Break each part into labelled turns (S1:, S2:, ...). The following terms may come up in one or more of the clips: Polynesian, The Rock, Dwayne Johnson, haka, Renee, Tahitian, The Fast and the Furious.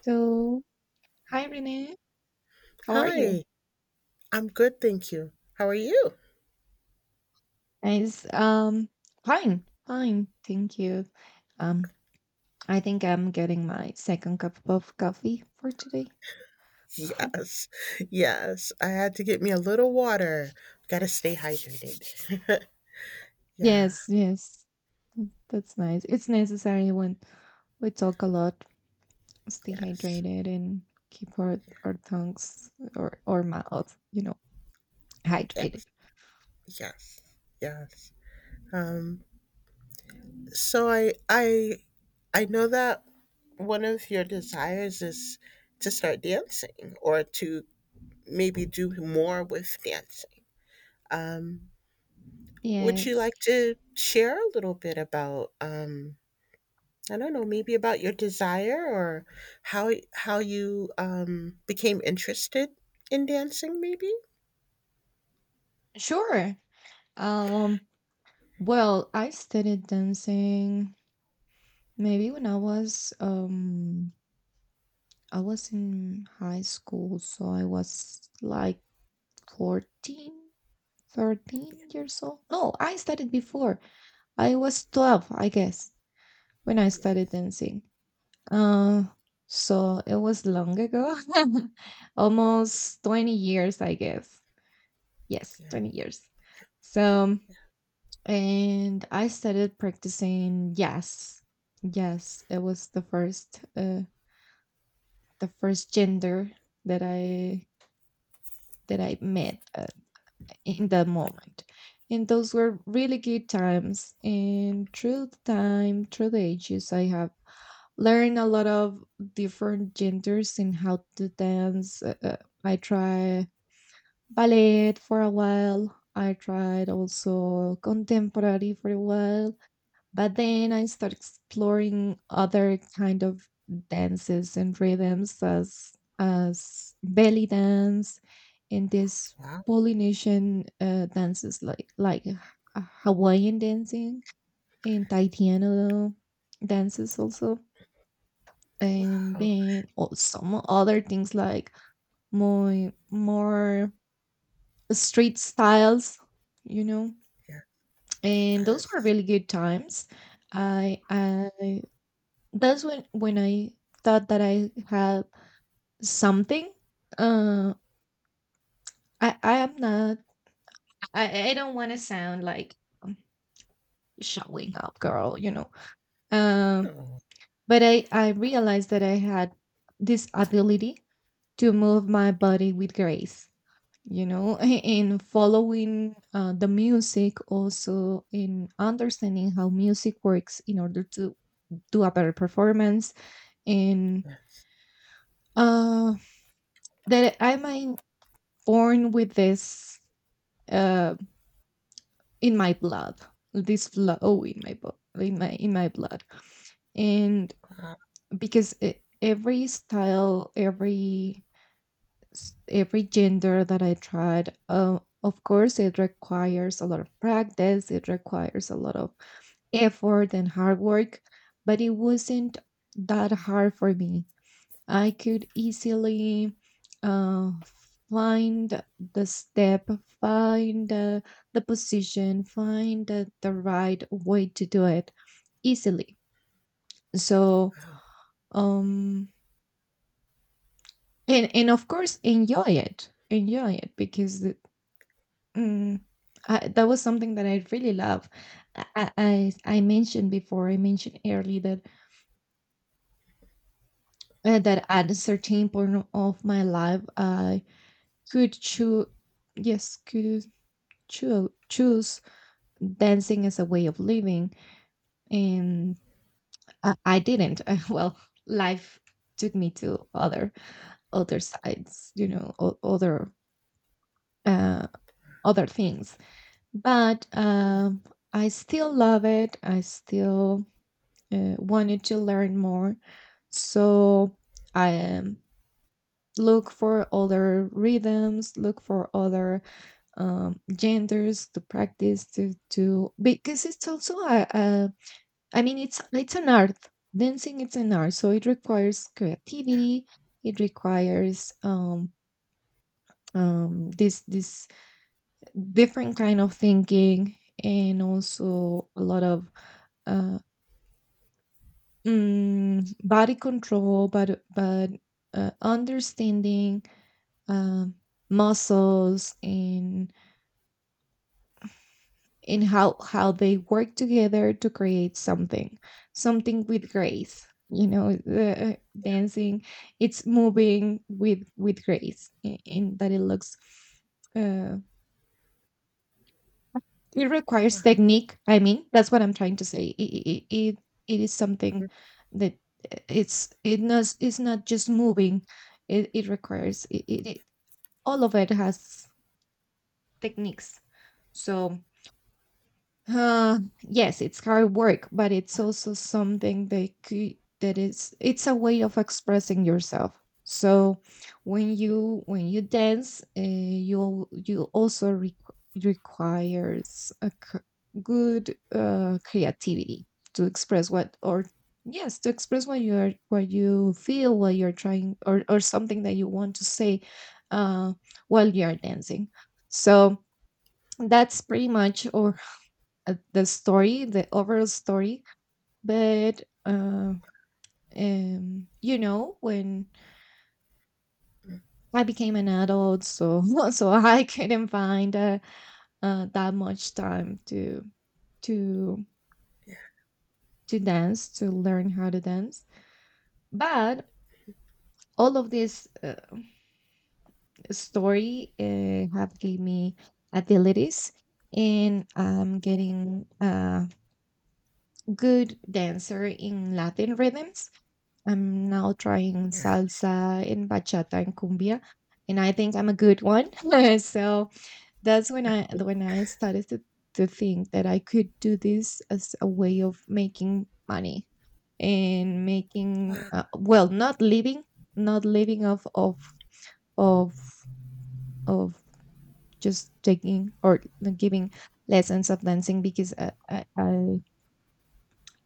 S1: So, hi Renee, how are you?
S2: Hi, I'm good, thank you. How are you?
S1: Nice. Fine, thank you. Um, I think I'm getting my second cup of coffee for today.
S2: Yes, yes. I had to get me a little water. Gotta stay hydrated. Yeah,
S1: Yes, yes, that's nice. It's necessary when we talk a lot, stay
S2: yes,
S1: hydrated and keep our tongues or mouth, hydrated.
S2: yes, yes, yes. Um, so I know that one of your desires is to start dancing or to maybe do more with dancing. Um, would you
S1: Yes,
S2: like to share a little bit about I don't know, maybe about your desire or how you became interested in dancing, maybe.
S1: sure. Um, well, I started dancing maybe when I was in high school, so I was like 14, 13 years old. No, I started before. I was 12, I guess, when I
S2: Yeah.
S1: started dancing. Uh, so it was long ago, almost 20 years, I guess. Yes,
S2: Yeah.
S1: 20 years. So, and I started practicing jazz. Yes, it was the first gender that I met in that moment. And those were really good times. And through the time, through the ages, I have learned a lot of different genders and how to dance. I tried ballet for a while. I tried also contemporary for a while, but then I start exploring other kind of dances and rhythms as belly dance, and this
S2: Wow.
S1: Polynesian dances, like Hawaiian dancing, and taitiano dances also. And
S2: Wow.
S1: then some other things like more street styles, you know
S2: Yeah.
S1: and those were
S2: Yes.
S1: really good times. I That's when I thought that I had something. Uh, I am not. I don't want to sound like, um, showing up, girl. Um,
S2: Oh.
S1: but I realized that I had this ability to move my body with grace. In following the music, also in understanding how music works in order to do a better performance, and
S2: Yes.
S1: uh, that I might born with this, uh, in my blood, this flow in my bo- in my blood. And
S2: Wow.
S1: because every style, every gender that I tried, of course, it requires a lot of practice. It requires a lot of effort and hard work, but it wasn't that hard for me. I could easily uh, find the step, find the position, find the right way to do it easily. So, um, and of course, enjoy it because, mm, that was something that I really love. I, I I I mentioned before, I mentioned early that at a certain point of my life, I could choose, yes, could choose dancing as a way of living. And I didn't well, life took me to other sides, uh, other things, but
S2: Yeah.
S1: um, I still love it. I still wanted to learn more, so I look for other rhythms, look for other, genders to practice, to because it's also a I mean, it's an art. Dancing it's an art, so it requires creativity. It requires, this different kind of thinking, and also a lot of, uh, body control, but, understanding, um muscles, and how they work together to create something, with grace, the dancing, it's moving with grace, and that it looks, uh it requires
S2: Wow.
S1: technique. I mean, that's what I'm trying to say. It is something
S2: Mhm.
S1: that, it's not just moving, it requires, it all of it has techniques. So, yes, it's hard work, but it's also something that cou- that is it's a way of expressing yourself. So when you dance, you also requires good creativity to express what or yes, to express what you are, what you feel, what you're trying, or something that you want to say, uh, while you are dancing. So that's pretty much, or the story, the overall story. But, when I became an adult, so so I couldn't find that much time to to dance, to learn how to dance. But all of this, story, have gave me abilities, and I'm getting a good dancer in Latin rhythms. I'm now trying
S2: Yeah.
S1: salsa and bachata and cumbia, and I think I'm a good one. So that's when I started to think that I could do this as a way of making money, and making,
S2: Wow.
S1: well, not living, not living of of of of just taking or giving lessons of dancing, because I I I,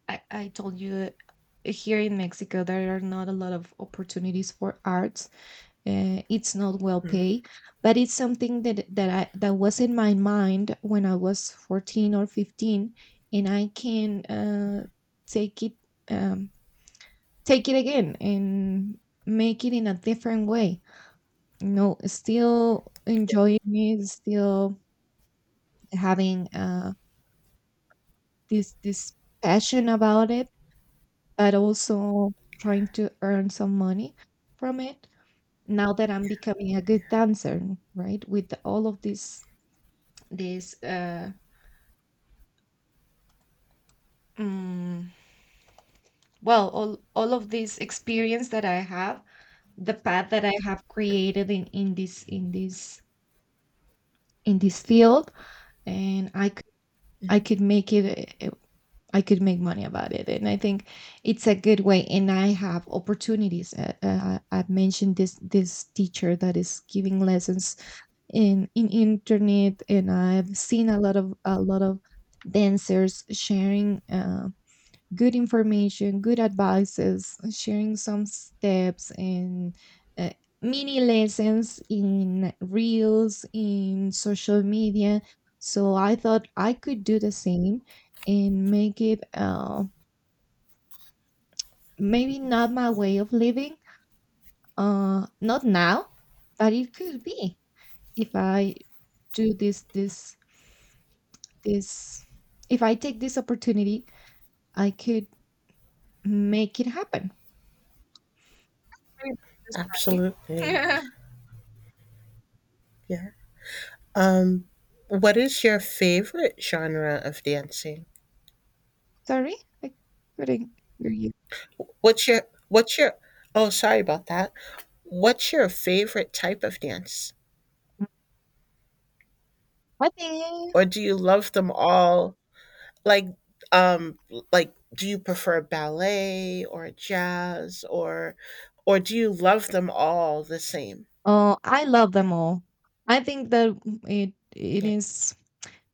S1: I I told you, here in Mexico there are not a lot of opportunities for arts. It's not well paid, but it's something that was in my mind when I was 14 or 15, and I can, take it, um, take it again, and make it in a different way, still
S2: Yeah.
S1: enjoying it, still having, this passion about it, but also trying to earn some money from it, now that I'm becoming a good dancer, right? With This, uh, mm, all all of this experience that I have, the path that I have created in this field, and I could make it. I could make money about it, and I think it's a good way. And I have opportunities. I've mentioned this teacher that is giving lessons in internet, and I've seen a lot of dancers sharing, good information, good advices, sharing some steps and, uh, mini lessons in reels, in social media. So I thought I could do the same and make it, maybe not my way of living, not now, but it could be if I do this, this, this. If I take this opportunity, I could make it happen. Pretty much the
S2: Absolutely.
S1: story.
S2: Yeah. Um, what is your favorite genre of dancing?
S1: Sorry? I couldn't hear you.
S2: What's your Oh, sorry about that. What's your favorite type of dance?
S1: I think
S2: Or do you love them all? Like, um, like, do you prefer ballet or jazz or do you love them all the same?
S1: Oh, I love them all. I think that it
S2: Yeah.
S1: is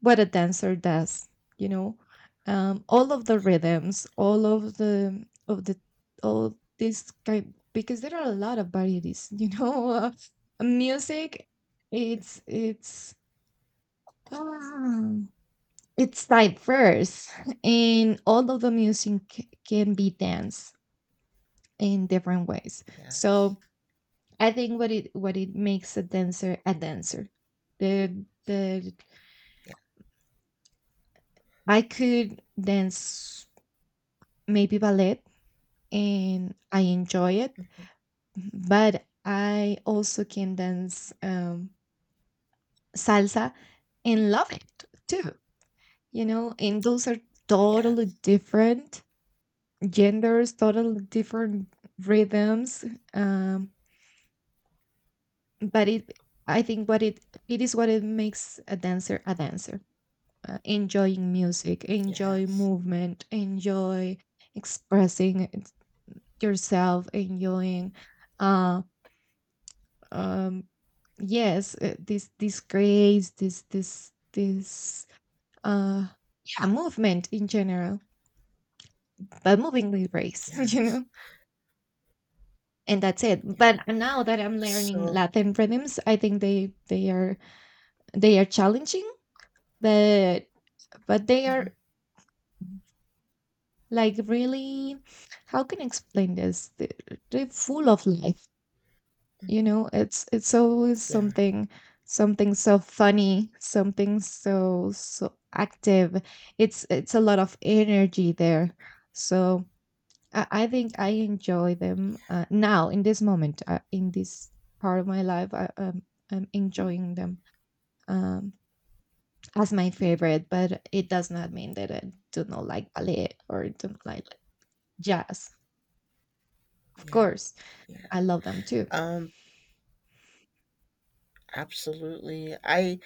S1: what a dancer does, you know. All of the rhythms, all of the all this kind, because there are a lot of varieties, you know. Music, it's it's um, it's diverse, and all of the music can be danced in different ways.
S2: Yes.
S1: So I think what it makes a dancer a dancer. The
S2: Yeah.
S1: I could dance maybe ballet and I enjoy it,
S2: Mhm.
S1: but I also can dance, salsa, and love it too. And those are totally
S2: Yes.
S1: different genders, totally different rhythms. Um, but it, I think, what it is what it makes a dancer a dancer, enjoying music, enjoy
S2: Yes.
S1: movement, enjoy expressing yourself, enjoying, uh um yes, this grace, uh yeah, movement in general, but moving with grace, you
S2: Yes.
S1: know. And that's it.
S2: Yeah.
S1: But now that I'm learning
S2: So,
S1: Latin rhythms, I think they are challenging, but they are, like, really, how can I explain this? They're full of life. It's always
S2: yeah.
S1: something, something so funny, something so active. It's a lot of energy there. So I think I enjoy them, now in this moment, in this part of my life. I'm enjoying them, Um, as my favorite, but it does not mean that I do not like ballet or don't like jazz. Of
S2: Yeah.
S1: course,
S2: Yeah.
S1: I love them too.
S2: Um, absolutely. I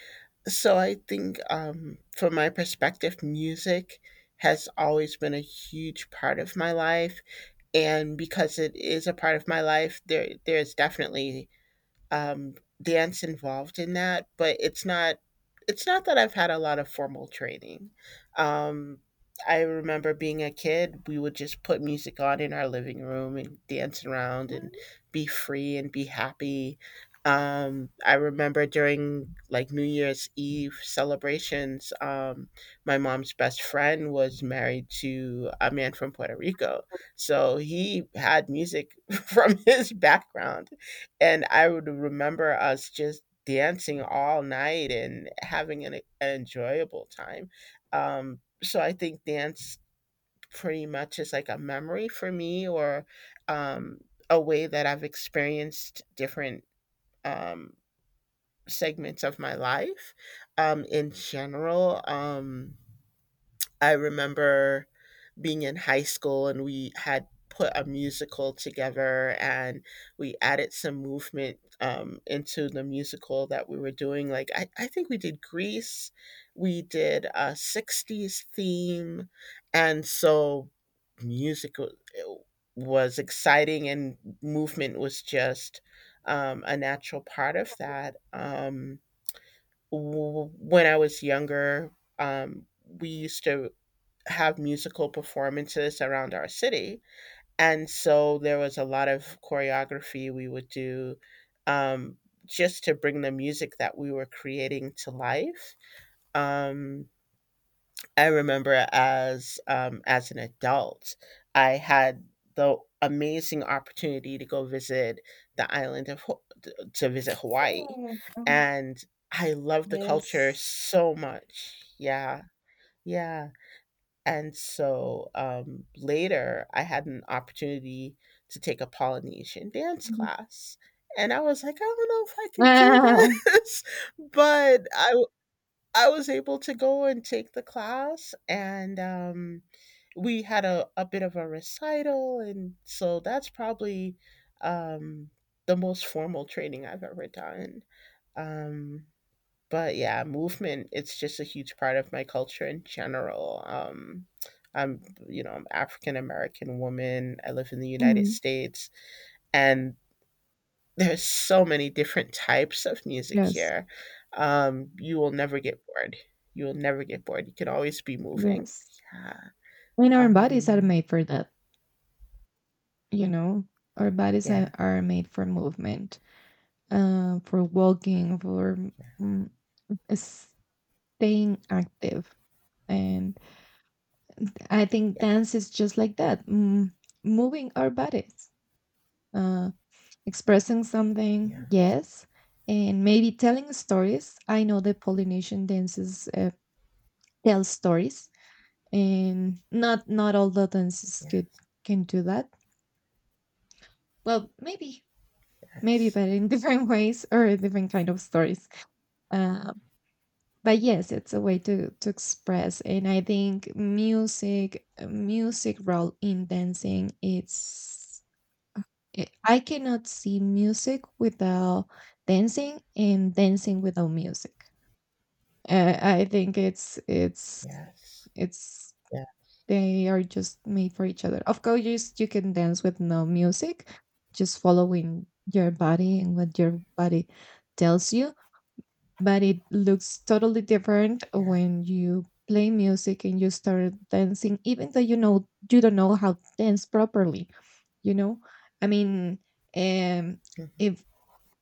S2: so I think from my perspective, music has always been a huge part of my life, and because it is a part of my life, there's definitely um, dance involved in that, but it's not that I've had a lot of formal training. Um, I remember being a kid, we would just put music on in our living room and dance around and be free and be happy. I remember during like New Year's Eve celebrations, my mom's best friend was married to a man from Puerto Rico. So he had music from his background, and I would remember us just dancing all night and having an enjoyable time. So I think dance pretty much is like a memory for me or um, a way that I've experienced different um, segments of my life in general. I remember being in high school and we had put a musical together, and we added some movement into the musical that we were doing. I think we did grease, we did a 60s theme, and so music wa- was exciting and movement was just a natural part of that. When I was younger, we used to have musical performances around our city. And so there was a lot of choreography we would do um, just to bring the music that we were creating to life. Um, I remember as an adult, I had the amazing opportunity to go visit the island of Ho- to visit Hawaii,
S1: Oh,
S2: and I love the culture
S1: yes.
S2: so much. Yeah, yeah. And so, later I had an opportunity to take a Polynesian dance
S1: Mhm.
S2: class, and I was like, "I don't know if I can do
S1: Ah,
S2: this," but I was able to go and take the class, and, we had a bit of a recital, and so that's probably, um, the most formal training I've ever done. Um but yeah, movement, it's just a huge part of my culture in general. I'm, you know, I'm African American woman. I live in the United
S1: mhm.
S2: States and there's so many different types of music
S1: Yes,
S2: here. You will never get bored. You will never get bored. You can always be moving.
S1: yes.
S2: Yeah.
S1: And our bodies are
S2: Um,
S1: made for that, you know. Our bodies are,
S2: yeah,
S1: are made for movement, for walking, for,
S2: yeah,
S1: mm, staying active, and I think dance
S2: yes,
S1: is just like that, moving our bodies, uh, expressing
S2: Yeah.
S1: something, yes, and maybe telling stories. I know the Polynesian dances, tell stories, and not all the dances could
S2: yes,
S1: can do that. Well, maybe,
S2: yes,
S1: but in different ways or different kind of stories. Uh, but yes, it's a way to express, and I think music, role in dancing, I cannot see music without dancing, and dancing without music. I think,
S2: yes,
S1: it's
S2: yeah,
S1: they are just made for each other. Of course, you can dance with no music, just following your body and what your body tells you. But it looks totally different
S2: yeah,
S1: when you play music and you start dancing, even though, you don't know how to dance properly. You know, I mean, um,
S2: mm,
S1: if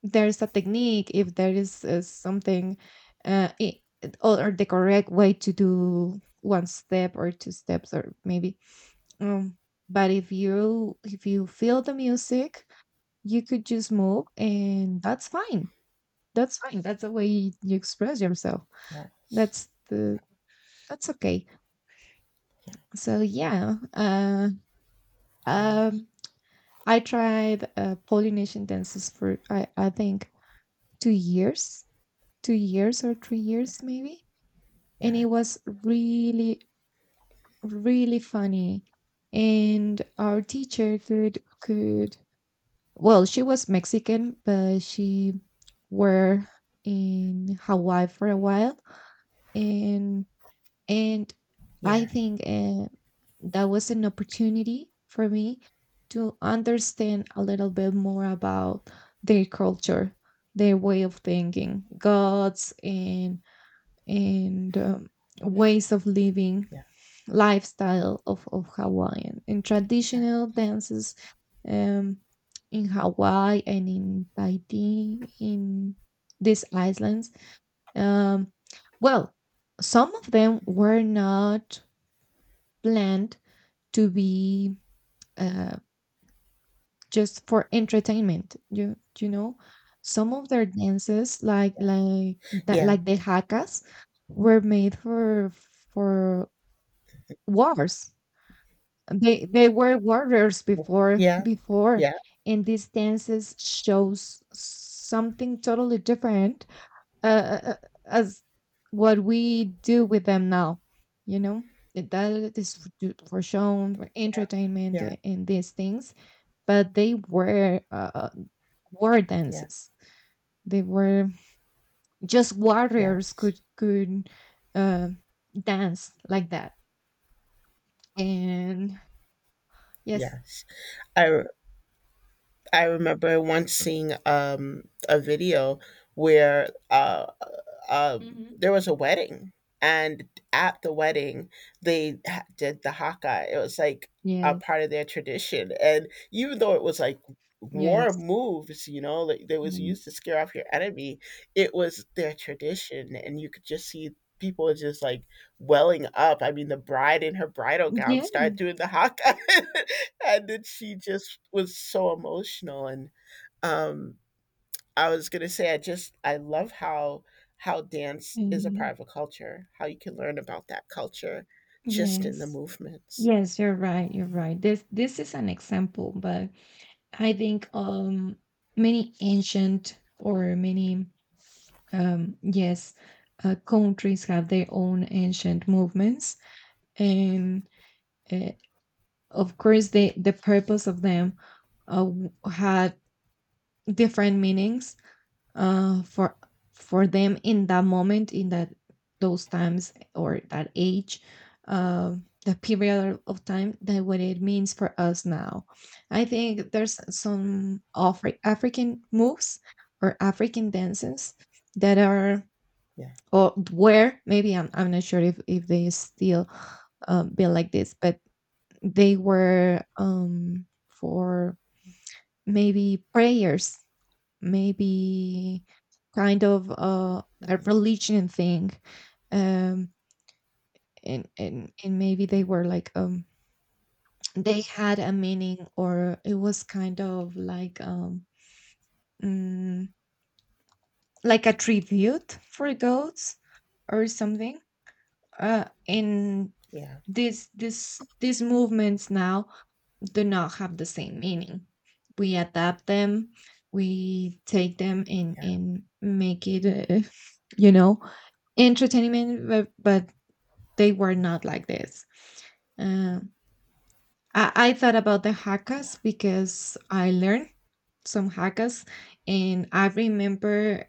S1: if there is something, uh, i- or the correct way to do one step or two steps, or maybe, um but if you feel the music, you could just move, and that's fine, that's the way you express yourself.
S2: yes,
S1: that's the that's okay. So yeah,
S2: yes,
S1: um I tried Polynesian dances for — I think 2 years, 2 years or 3 years maybe. And
S2: yeah,
S1: it was really really funny. And our teacher could well, she was Mexican, but she were in Hawaii for a while. And and I
S2: yeah, yeah,
S1: think that was an opportunity for me to understand a little bit more about their culture, their way of thinking gods, and, and um, ways of living, lifestyle of Hawaiian and
S2: yeah,
S1: traditional dances, um, in Hawaii and in Tahiti, in these islands. Um, well, some of them were not planned to be, uh, just for entertainment. You know, some of their dances, like that,
S2: yeah.
S1: like the hakas, were made for, for wars. They were warriors before,
S2: Yeah, yeah,
S1: and these dances shows something totally different, uh, uh, uh, as what we do with them now. You know that is f- do- for shown for entertainment,
S2: yeah,
S1: and these things, but they were, war
S2: yeah,
S1: dances. They were just warriors
S2: yes,
S1: could, uh, dance like that, and yes.
S2: yes. I re- I remember once seeing a video where um,
S1: Hmm.
S2: there was a wedding, and at the wedding, did the haka. It was like a
S1: Yes,
S2: part of their tradition, and even though it was like war
S1: yes.
S2: moves, you know, like they was used to
S1: Yes.
S2: scare off your enemy, it was their tradition, and you could just see people just like welling up. I mean, the bride in her bridal gown
S1: Yeah.
S2: started doing the haka, and then she just was so emotional and um I was gonna say I just I love how dance is a part of a culture, how you can learn about that culture just in the
S1: Yes.
S2: movements.
S1: Yes, you're right. You're right. This is an example, but I think, many ancient or many, yes, countries have their own ancient movements, and, uh, of course the purpose of them, had different meanings, for, them in that moment, in that those times or that age, uh, the period of time, that what it means for us now. I think there's some African moves or African dances that are
S2: Yeah.
S1: or were, maybe, I'm not sure if they still, be like this, but they were, for maybe prayers, maybe kind of, a religion thing. um and maybe they were like, they had a meaning, or it was kind of like, mm, like a tribute for goats or something, and
S2: Yeah.
S1: these movements now do not have the same meaning. We adapt them, we take them and
S2: Yeah.
S1: make it, you know, entertainment. But they were not like this. Uh, I thought about the hakas because I learned some hakas, and I remember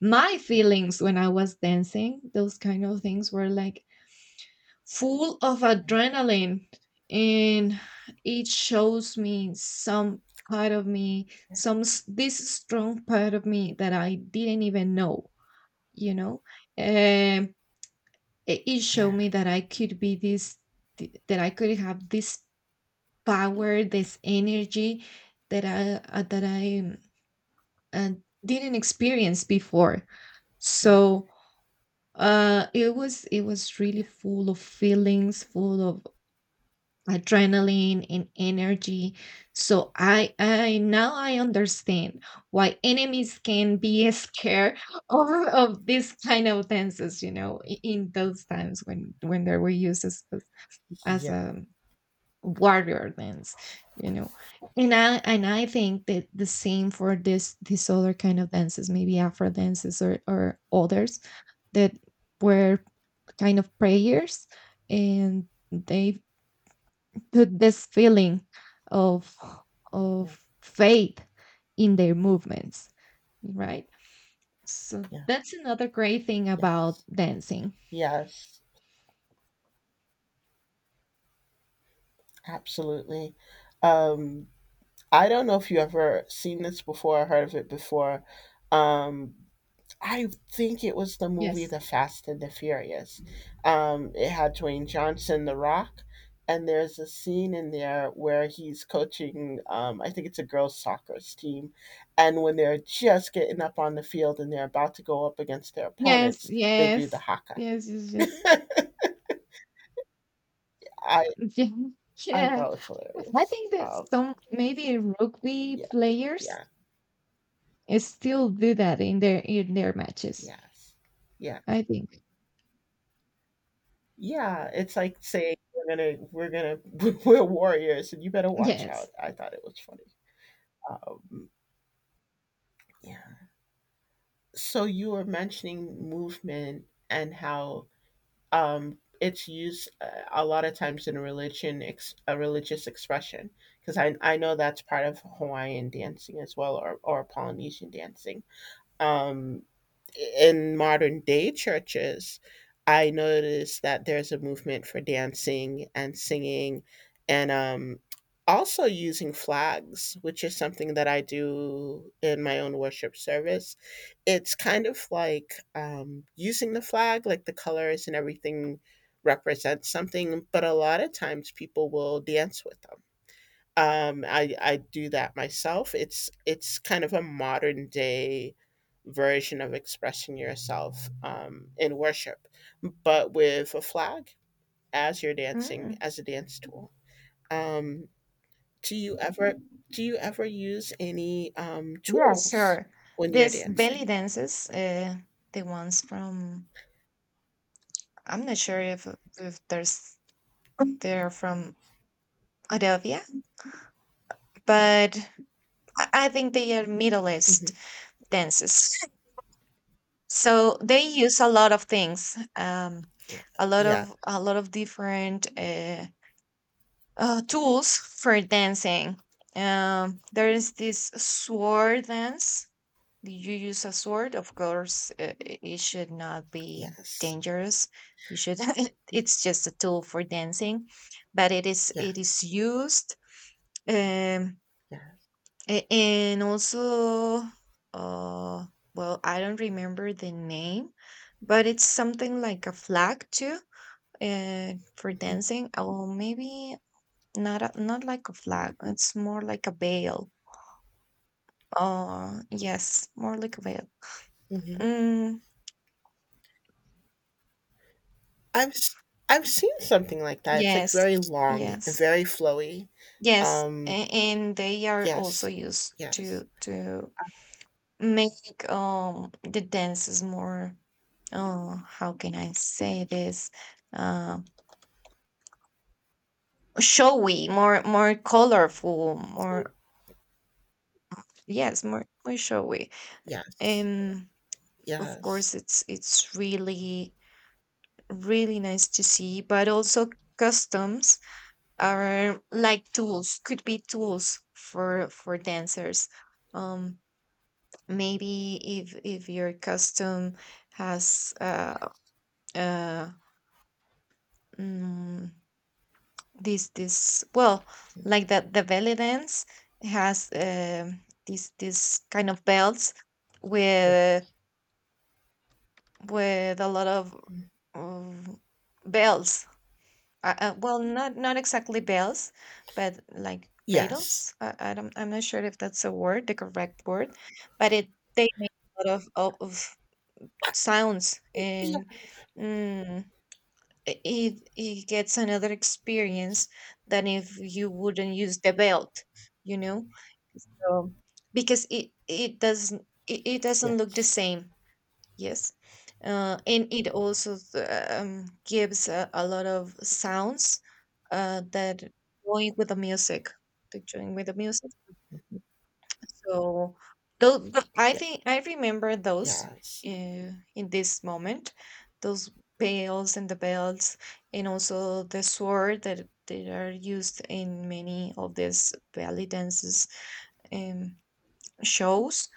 S1: my feelings when I was dancing. Those kind of things were like full of adrenaline, and it shows me some part of me, some, this strong part of me that I didn't even know, you know, um it showed
S2: Yeah.
S1: me that I could be this, that I could have this power, this energy, that I uh, didn't experience before,
S2: Yeah. Yeah.
S1: so, it was really full of feelings, full of adrenaline and energy. So I now I understand why enemies can be scared of this kind of dances, you know, in those times when, they were used as
S2: Yeah.
S1: a warrior dance, you know. And I think that the same for this other kind of dances, maybe afro dances, or others that were kind of prayers, and they to this feeling of
S2: Yeah.
S1: of faith in their movements, right? So
S2: Yeah.
S1: that's another great thing about
S2: Yes.
S1: dancing.
S2: Yes. Absolutely. Um I don't know if you ever seen this before or heard of it before. Um I think it was the movie
S1: Yes.
S2: The Fast and the Furious. It had Dwayne Johnson, The Rock, and there's a scene in there where he's coaching, I think it's a girls' soccer team. And when they're just getting up on the field and they're about to go up against their
S1: Yes,
S2: opponents, they do the
S1: yes.
S2: haka.
S1: Yes, yes, yes.
S2: I,
S1: Yeah,
S2: I
S1: yeah.
S2: thought it was
S1: I
S2: hilarious.
S1: think that some maybe rugby
S2: Yeah,
S1: players
S2: yeah,
S1: still do that in their, matches.
S2: yes, yeah.
S1: I think.
S2: Yeah, it's like saying we're gonna we're warriors and you better watch out.
S1: Yes.
S2: I thought it was funny. Um, yeah. So you were mentioning movement and how it's used a lot of times in religion, a religious expression, because I know that's part of Hawaiian dancing as well, or Polynesian dancing. Um, in modern day churches, I noticed that there's a movement for dancing and singing and also using flags, which is something that I do in my own worship service. It's kind of like using the flag, like the colors and everything represents something, but a lot of times people will dance with them. I do that myself. It's kind of a modern day version of expressing yourself in worship, but with a flag as you're dancing
S1: Mm.
S2: as a dance tool. Um, do you ever do you ever use any
S1: Yeah,
S2: tools
S1: sure.
S2: when you're
S1: These belly
S2: dancing?
S1: dances, the ones from — I'm not sure if there's they're from Arabia, but I think they are Middle
S2: hmm
S1: East dances. So they use a lot of things,
S2: Yeah.
S1: a lot
S2: Yeah.
S1: of, different. Tools for dancing. There is this sword dance. You use a sword, of course. It should not be
S2: Yes.
S1: dangerous. You should. It's just a tool for dancing, but it is it
S2: Yes.
S1: is used. Um,
S2: Yeah.
S1: and also, uh, well, I don't remember the name, but it's something like a flag too. For
S2: hmm
S1: dancing, oh, maybe not, not like a flag. It's more like a veil. Oh, yes, more like a veil.
S2: hmm
S1: Mm,
S2: I've s- I've seen something like that. It's like
S1: yes,
S2: very long and
S1: yes,
S2: very flowy.
S1: yes,
S2: Um,
S1: and they are also
S2: Yes.
S1: used
S2: Yes.
S1: to, make the dances more. Oh, how can I say this? Uh, Showy, more more colorful, more — yes, more more showy.
S2: Yes.
S1: And of
S2: Yes.
S1: course, it's really really nice to see, but also customs are like tools, could be tools for dancers. Um, Maybe if your custom has, uh mm, this well, like that, the belly dance has, this kind of belts,
S2: Yeah.
S1: with with a lot of,
S2: Mhm.
S1: um, bells. Well, not not exactly bells, but like
S2: Yes.
S1: cradles. I'm not sure if that's a word, the correct word, but it they make a lot of sounds,
S2: Yeah.
S1: and, mm, it gets another experience than if you wouldn't use the belt, you know. So because it
S2: Yeah.
S1: doesn't look the same. Yes, and it also, gives, a lot of sounds, that going with the music, that join with the music. So those, I
S2: Yeah.
S1: think I remember those,
S2: Yes.
S1: in this moment, those bells and the bells, and also the sword that they are used in many of these belly dances, um, shows.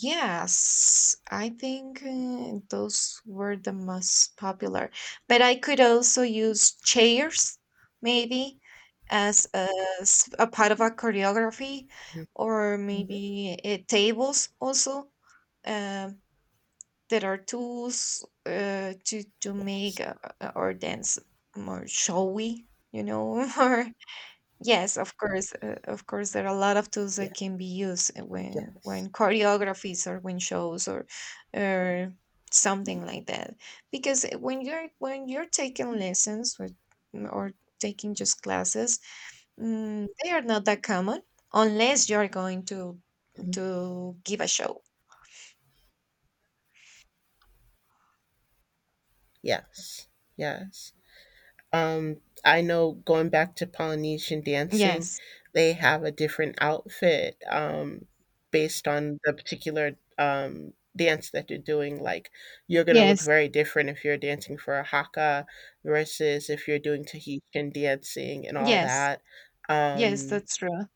S1: Yes, I think, those were the most popular. But I could also use chairs, maybe, as, a part of a choreography,
S2: Mhm.
S1: or
S2: Mhm.
S1: maybe, tables also. Um, there are tools, to,
S2: Yes.
S1: make, our dance more showy, you know, or — yes, of course, there are a lot of tools
S2: Yeah.
S1: that can be used, when,
S2: Yes.
S1: choreographies or when shows, or, or something like that. Because, when you're taking lessons with, or taking just classes, they are not that common unless you're going to,
S2: Mhm.
S1: give a show.
S2: Yes. Yes. Um, I know going back to Polynesian dancing,
S1: Yes,
S2: they have a different outfit based on the particular dance that you're doing. Like, you're going to look
S1: yes,
S2: very different if you're dancing for a haka versus if you're doing Tahitian dancing and all
S1: yes,
S2: that.
S1: yes,
S2: Um,
S1: that's true.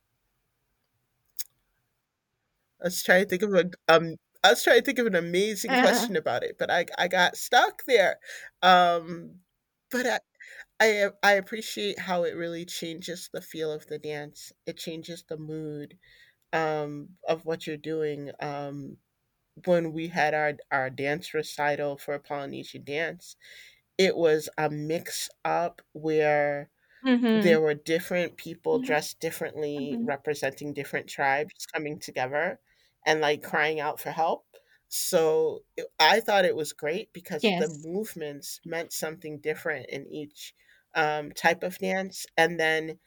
S2: I was trying to think of a I was trying to think of an amazing question about it, but I got stuck there. Um, but I, I appreciate how it really changes the feel of the dance. It changes the mood of what you're doing. When we had our dance recital for Polynesian dance, it was a mix up where there
S1: Hmm.
S2: were different people
S1: Hmm.
S2: dressed differently representing different tribes coming together and like crying out for help. So it, I thought it was great because the
S1: Yes,
S2: movements meant something different in each type of dance. And then,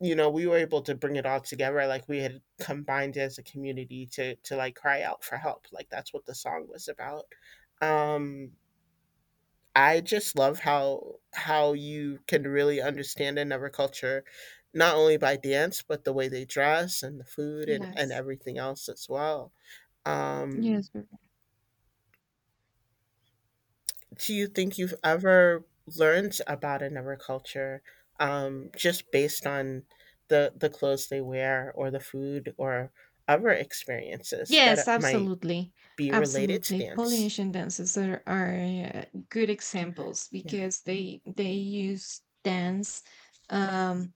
S2: you know, we were able to bring it all together. Like we had combined as a community to like cry out for help. Like that's what the song was about. Um, I just love how you can really understand another culture, not only by dance, but the way they dress and the food and
S1: yes,
S2: everything else as well.
S1: yes.
S2: Um, do you think you've ever learned about another culture just based on the clothes they wear or the food or other experiences
S1: Yes,
S2: that might
S1: absolutely.
S2: be related to
S1: Absolutely.
S2: dance?
S1: Polynesian dances are, good examples
S2: Yeah.
S1: because they use dance, um,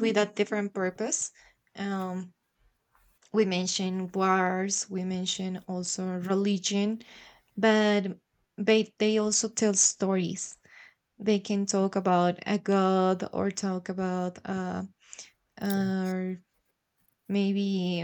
S1: with a different purpose. Um, we mentioned wars, we mentioned also religion, but they also tell stories. They can talk about a god or talk about,
S2: Yes.
S1: or maybe —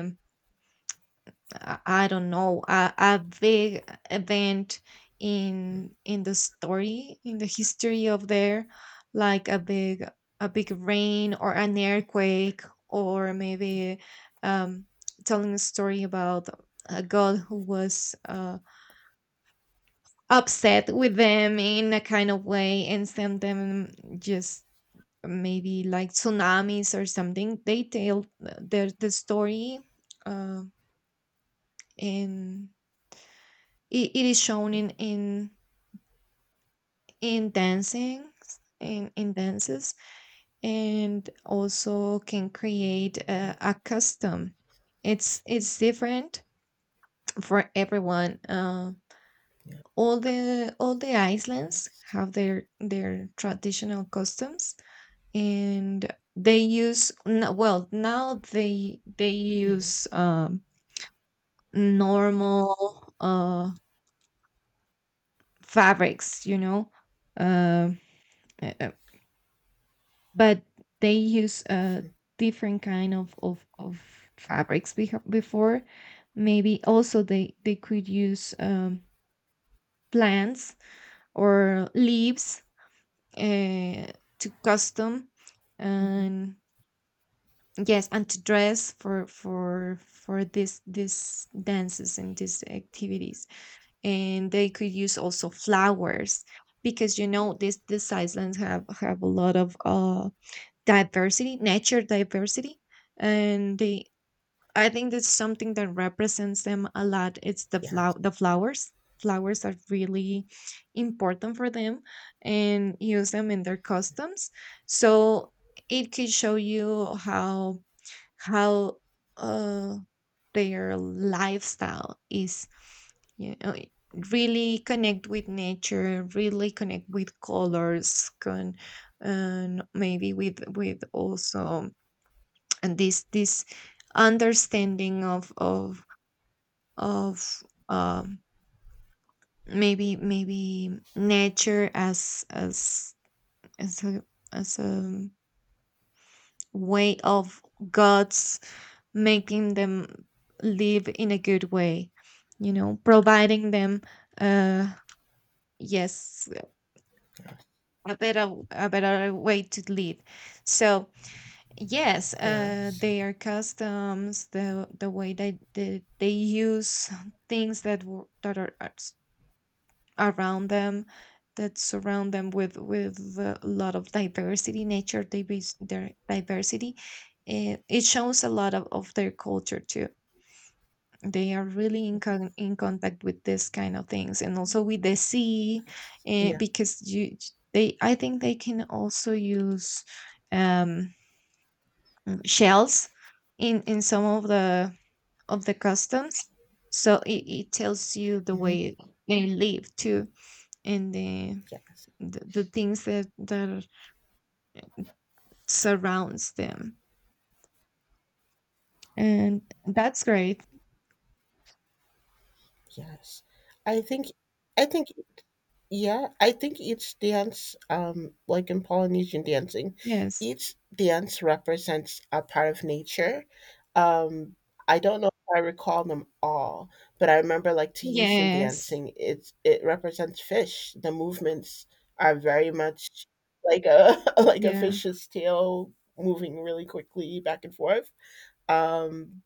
S1: I don't know — a big event in the story, in the history of there, like a big rain or an earthquake, or maybe, um, telling a story about a god who was, upset with them in a kind of way and sent them just maybe like tsunamis or something. They tell the story. Uh, and it is shown in, dancing, in dances, and also can create,
S2: Mm,
S1: a custom. It's different for everyone,
S2: yeah,
S1: all the islands
S2: Yes.
S1: have their traditional customs, and they use, well, now they
S2: Mhm,
S1: use, normal, fabrics, you know, uh, uh, but they use a different kind of fabrics before. Maybe also they could use, plants or leaves, uh, to custom,
S2: mhm.
S1: and yes, and to dress for, for this dances and these activities. And they could use also flowers because, you know, this islands have a lot of, diversity, nature diversity, and they — I think that's something that represents them a lot. It's the
S2: Yes.
S1: flow the flowers. Flowers are really important for them and use them in their customs. So it could show you how, uh, their lifestyle is, you know, really connect with nature, really connect with colors, con and maybe with, also, and this understanding of, um maybe nature as, a, as a way of god's making them live in a good way, you know, providing them, uh yes,
S2: Yes.
S1: a better, way to live, so, yes,
S2: yes.
S1: their customs, the way they use things that are, around them, that surround them with, a lot of diversity, nature, they base their diversity. It shows a lot of their culture too. They are really,
S2: Mm-hmm.
S1: in contact with this kind of things, and also with the sea.
S2: Yes.
S1: eh,
S2: Yeah.
S1: because you they i think they can also use, um, shells in, some of the customs. So it tells you the
S2: hmm
S1: way they live too, and
S2: Yes.
S1: the things that, surrounds them, and that's great.
S2: Yes. I think. I think. Yeah. I think each dance, like in Polynesian dancing,
S1: Yes,
S2: each dance represents a part of nature. Um, I don't know if I recall them all, but I remember like Tahitian
S1: yes.
S2: dancing. It's it represents fish. The movements are very much like a like a
S1: Yeah,
S2: fish's tail moving really quickly back and forth. Um,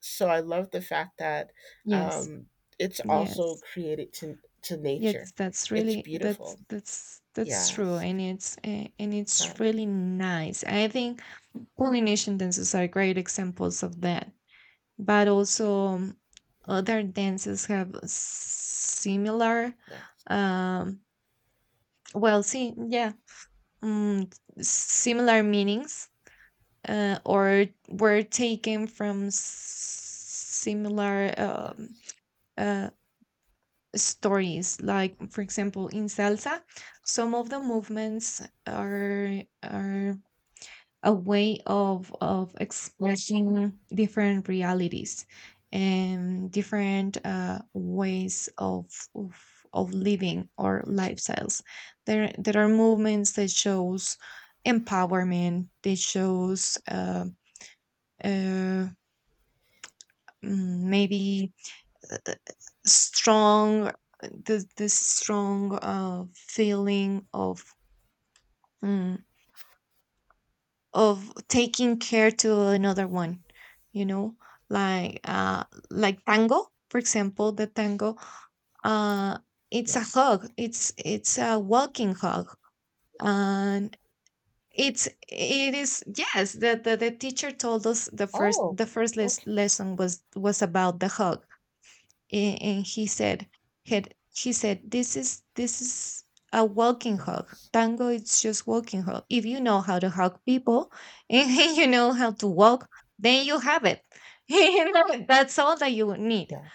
S2: so I love the fact that
S1: yes,
S2: um, it's also
S1: yes.
S2: created to nature.
S1: Yes, that's
S2: It's
S1: really that's
S2: beautiful.
S1: that's that's true,
S2: Yes.
S1: and it's,
S2: Uh,
S1: really nice. I think Polynesian dances are great examples of that, but also, other dances have similar,
S2: yeah.
S1: um, well, see, yeah, um, similar meanings, or were taken from, similar,
S2: Yeah.
S1: uh, stories, like for example in salsa, some of the movements are are a way of expressing different realities and different, ways of living or
S2: Yeah.
S1: lifestyles. There are movements that shows empowerment, that shows, uh, maybe strong, this strong, feeling of, mm, of taking care to another one, you know, like, like tango for example. The tango, uh it's
S2: Yeah.
S1: a hug, it's a walking hug. And it is — yes, the teacher told us the first,
S2: Oh. Okay.
S1: lesson was about the hug. And he said — this is, a walking hug.
S2: Yes.
S1: Tango, it's just walking hug. If you know how to hug people and you know how to walk, then you have it. You know, that's all that you would need.
S2: Yeah.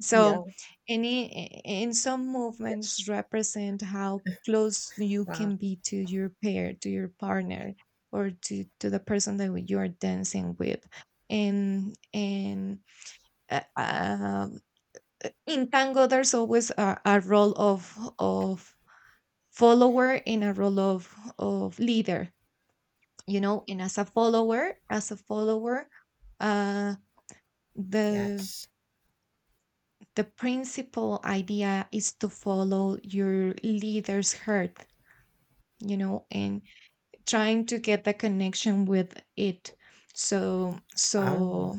S1: So,
S2: Yeah.
S1: any in some
S2: Yeah.
S1: movements represent how close you
S2: Wow.
S1: can be to your pair, to your partner, or to, the person that you're dancing with. And and uh, uh, in tango there's always, a role of follower and a role of leader, you know. And as a follower, uh the
S2: Yes.
S1: the principal idea is to follow your leader's heart, you know, and trying to get the connection with it. so
S2: Um.
S1: so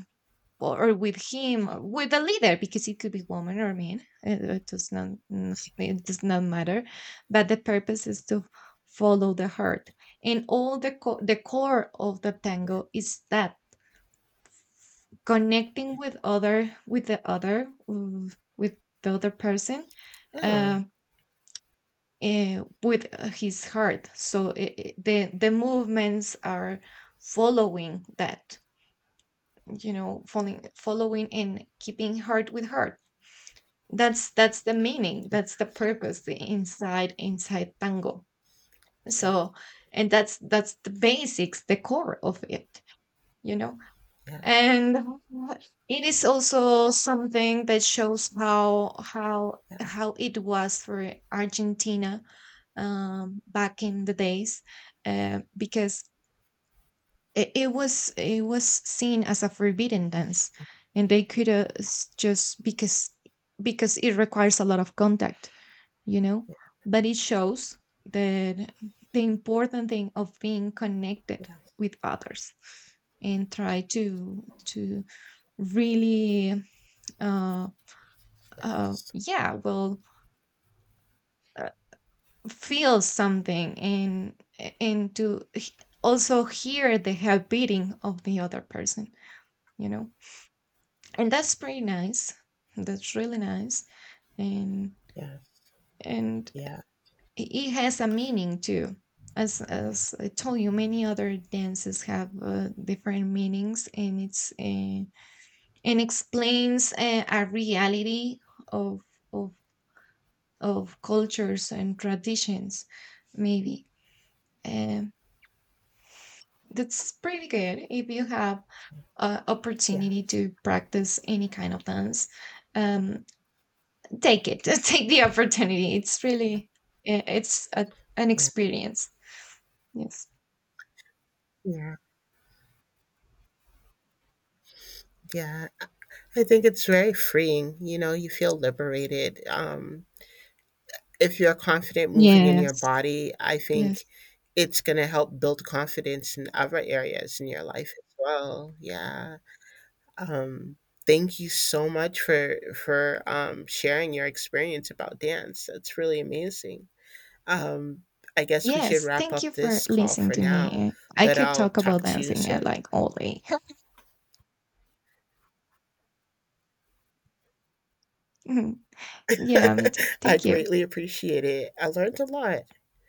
S1: or with him, with the leader, because it could be woman or man. It, it does not mm, it does not matter, but the purpose is to follow the heart, and all the core of the tango is that, connecting with other, with the other person,
S2: Hmm.
S1: uh, eh, with his heart. So, the movements are following that, you know, following, and keeping heart with heart. That's the meaning,
S2: Yes.
S1: that's the purpose, the inside, tango. So, and that's the basics, the core of it, you know.
S2: Yeah.
S1: And it is also something that shows
S2: Yes.
S1: how it was for Argentina, back in the days, because it was seen as a forbidden dance, and they could, just because, it requires a lot of contact, you know.
S2: Yeah.
S1: But it shows that the important thing of being connected
S2: Yes.
S1: with others, and try to, really, uh, uh
S2: Yes.
S1: yeah well uh, feel something, and and to h- also hear the heart beating of the other person, you know, and that's pretty nice, that's really nice. and
S2: Yes.
S1: and it
S2: Yeah.
S1: it has a meaning too. As I told you, many other dances have, different meanings, and it's and explains, a reality of of of cultures and traditions. Maybe, um, that's pretty good if you have, opportunity
S2: Yes.
S1: to practice any kind of dance. Um, Take it, take the opportunity. It's really, uh, it's a, an
S2: Yeah.
S1: experience. Yes.
S2: Yeah. Yeah. I think it's very freeing. You know, you feel liberated. If you're confident moving in your
S1: Yes.
S2: body, I
S1: Yes.
S2: think it's going to help build confidence in other areas in your life as well. Yeah. Um, Thank you so much for sharing your experience about dance. That's really amazing. Um, I guess we should
S1: Yes.
S2: wrap
S1: Thank you
S2: up
S1: for
S2: this call
S1: listening
S2: for
S1: to
S2: now,
S1: me. I
S2: but
S1: could
S2: I'll
S1: talk
S2: talk
S1: about
S2: to you
S1: dancing at
S2: soon.
S1: like all day. Mhm. Yeah, me too.
S2: I
S1: Thank you.
S2: greatly appreciate it. I learned a lot,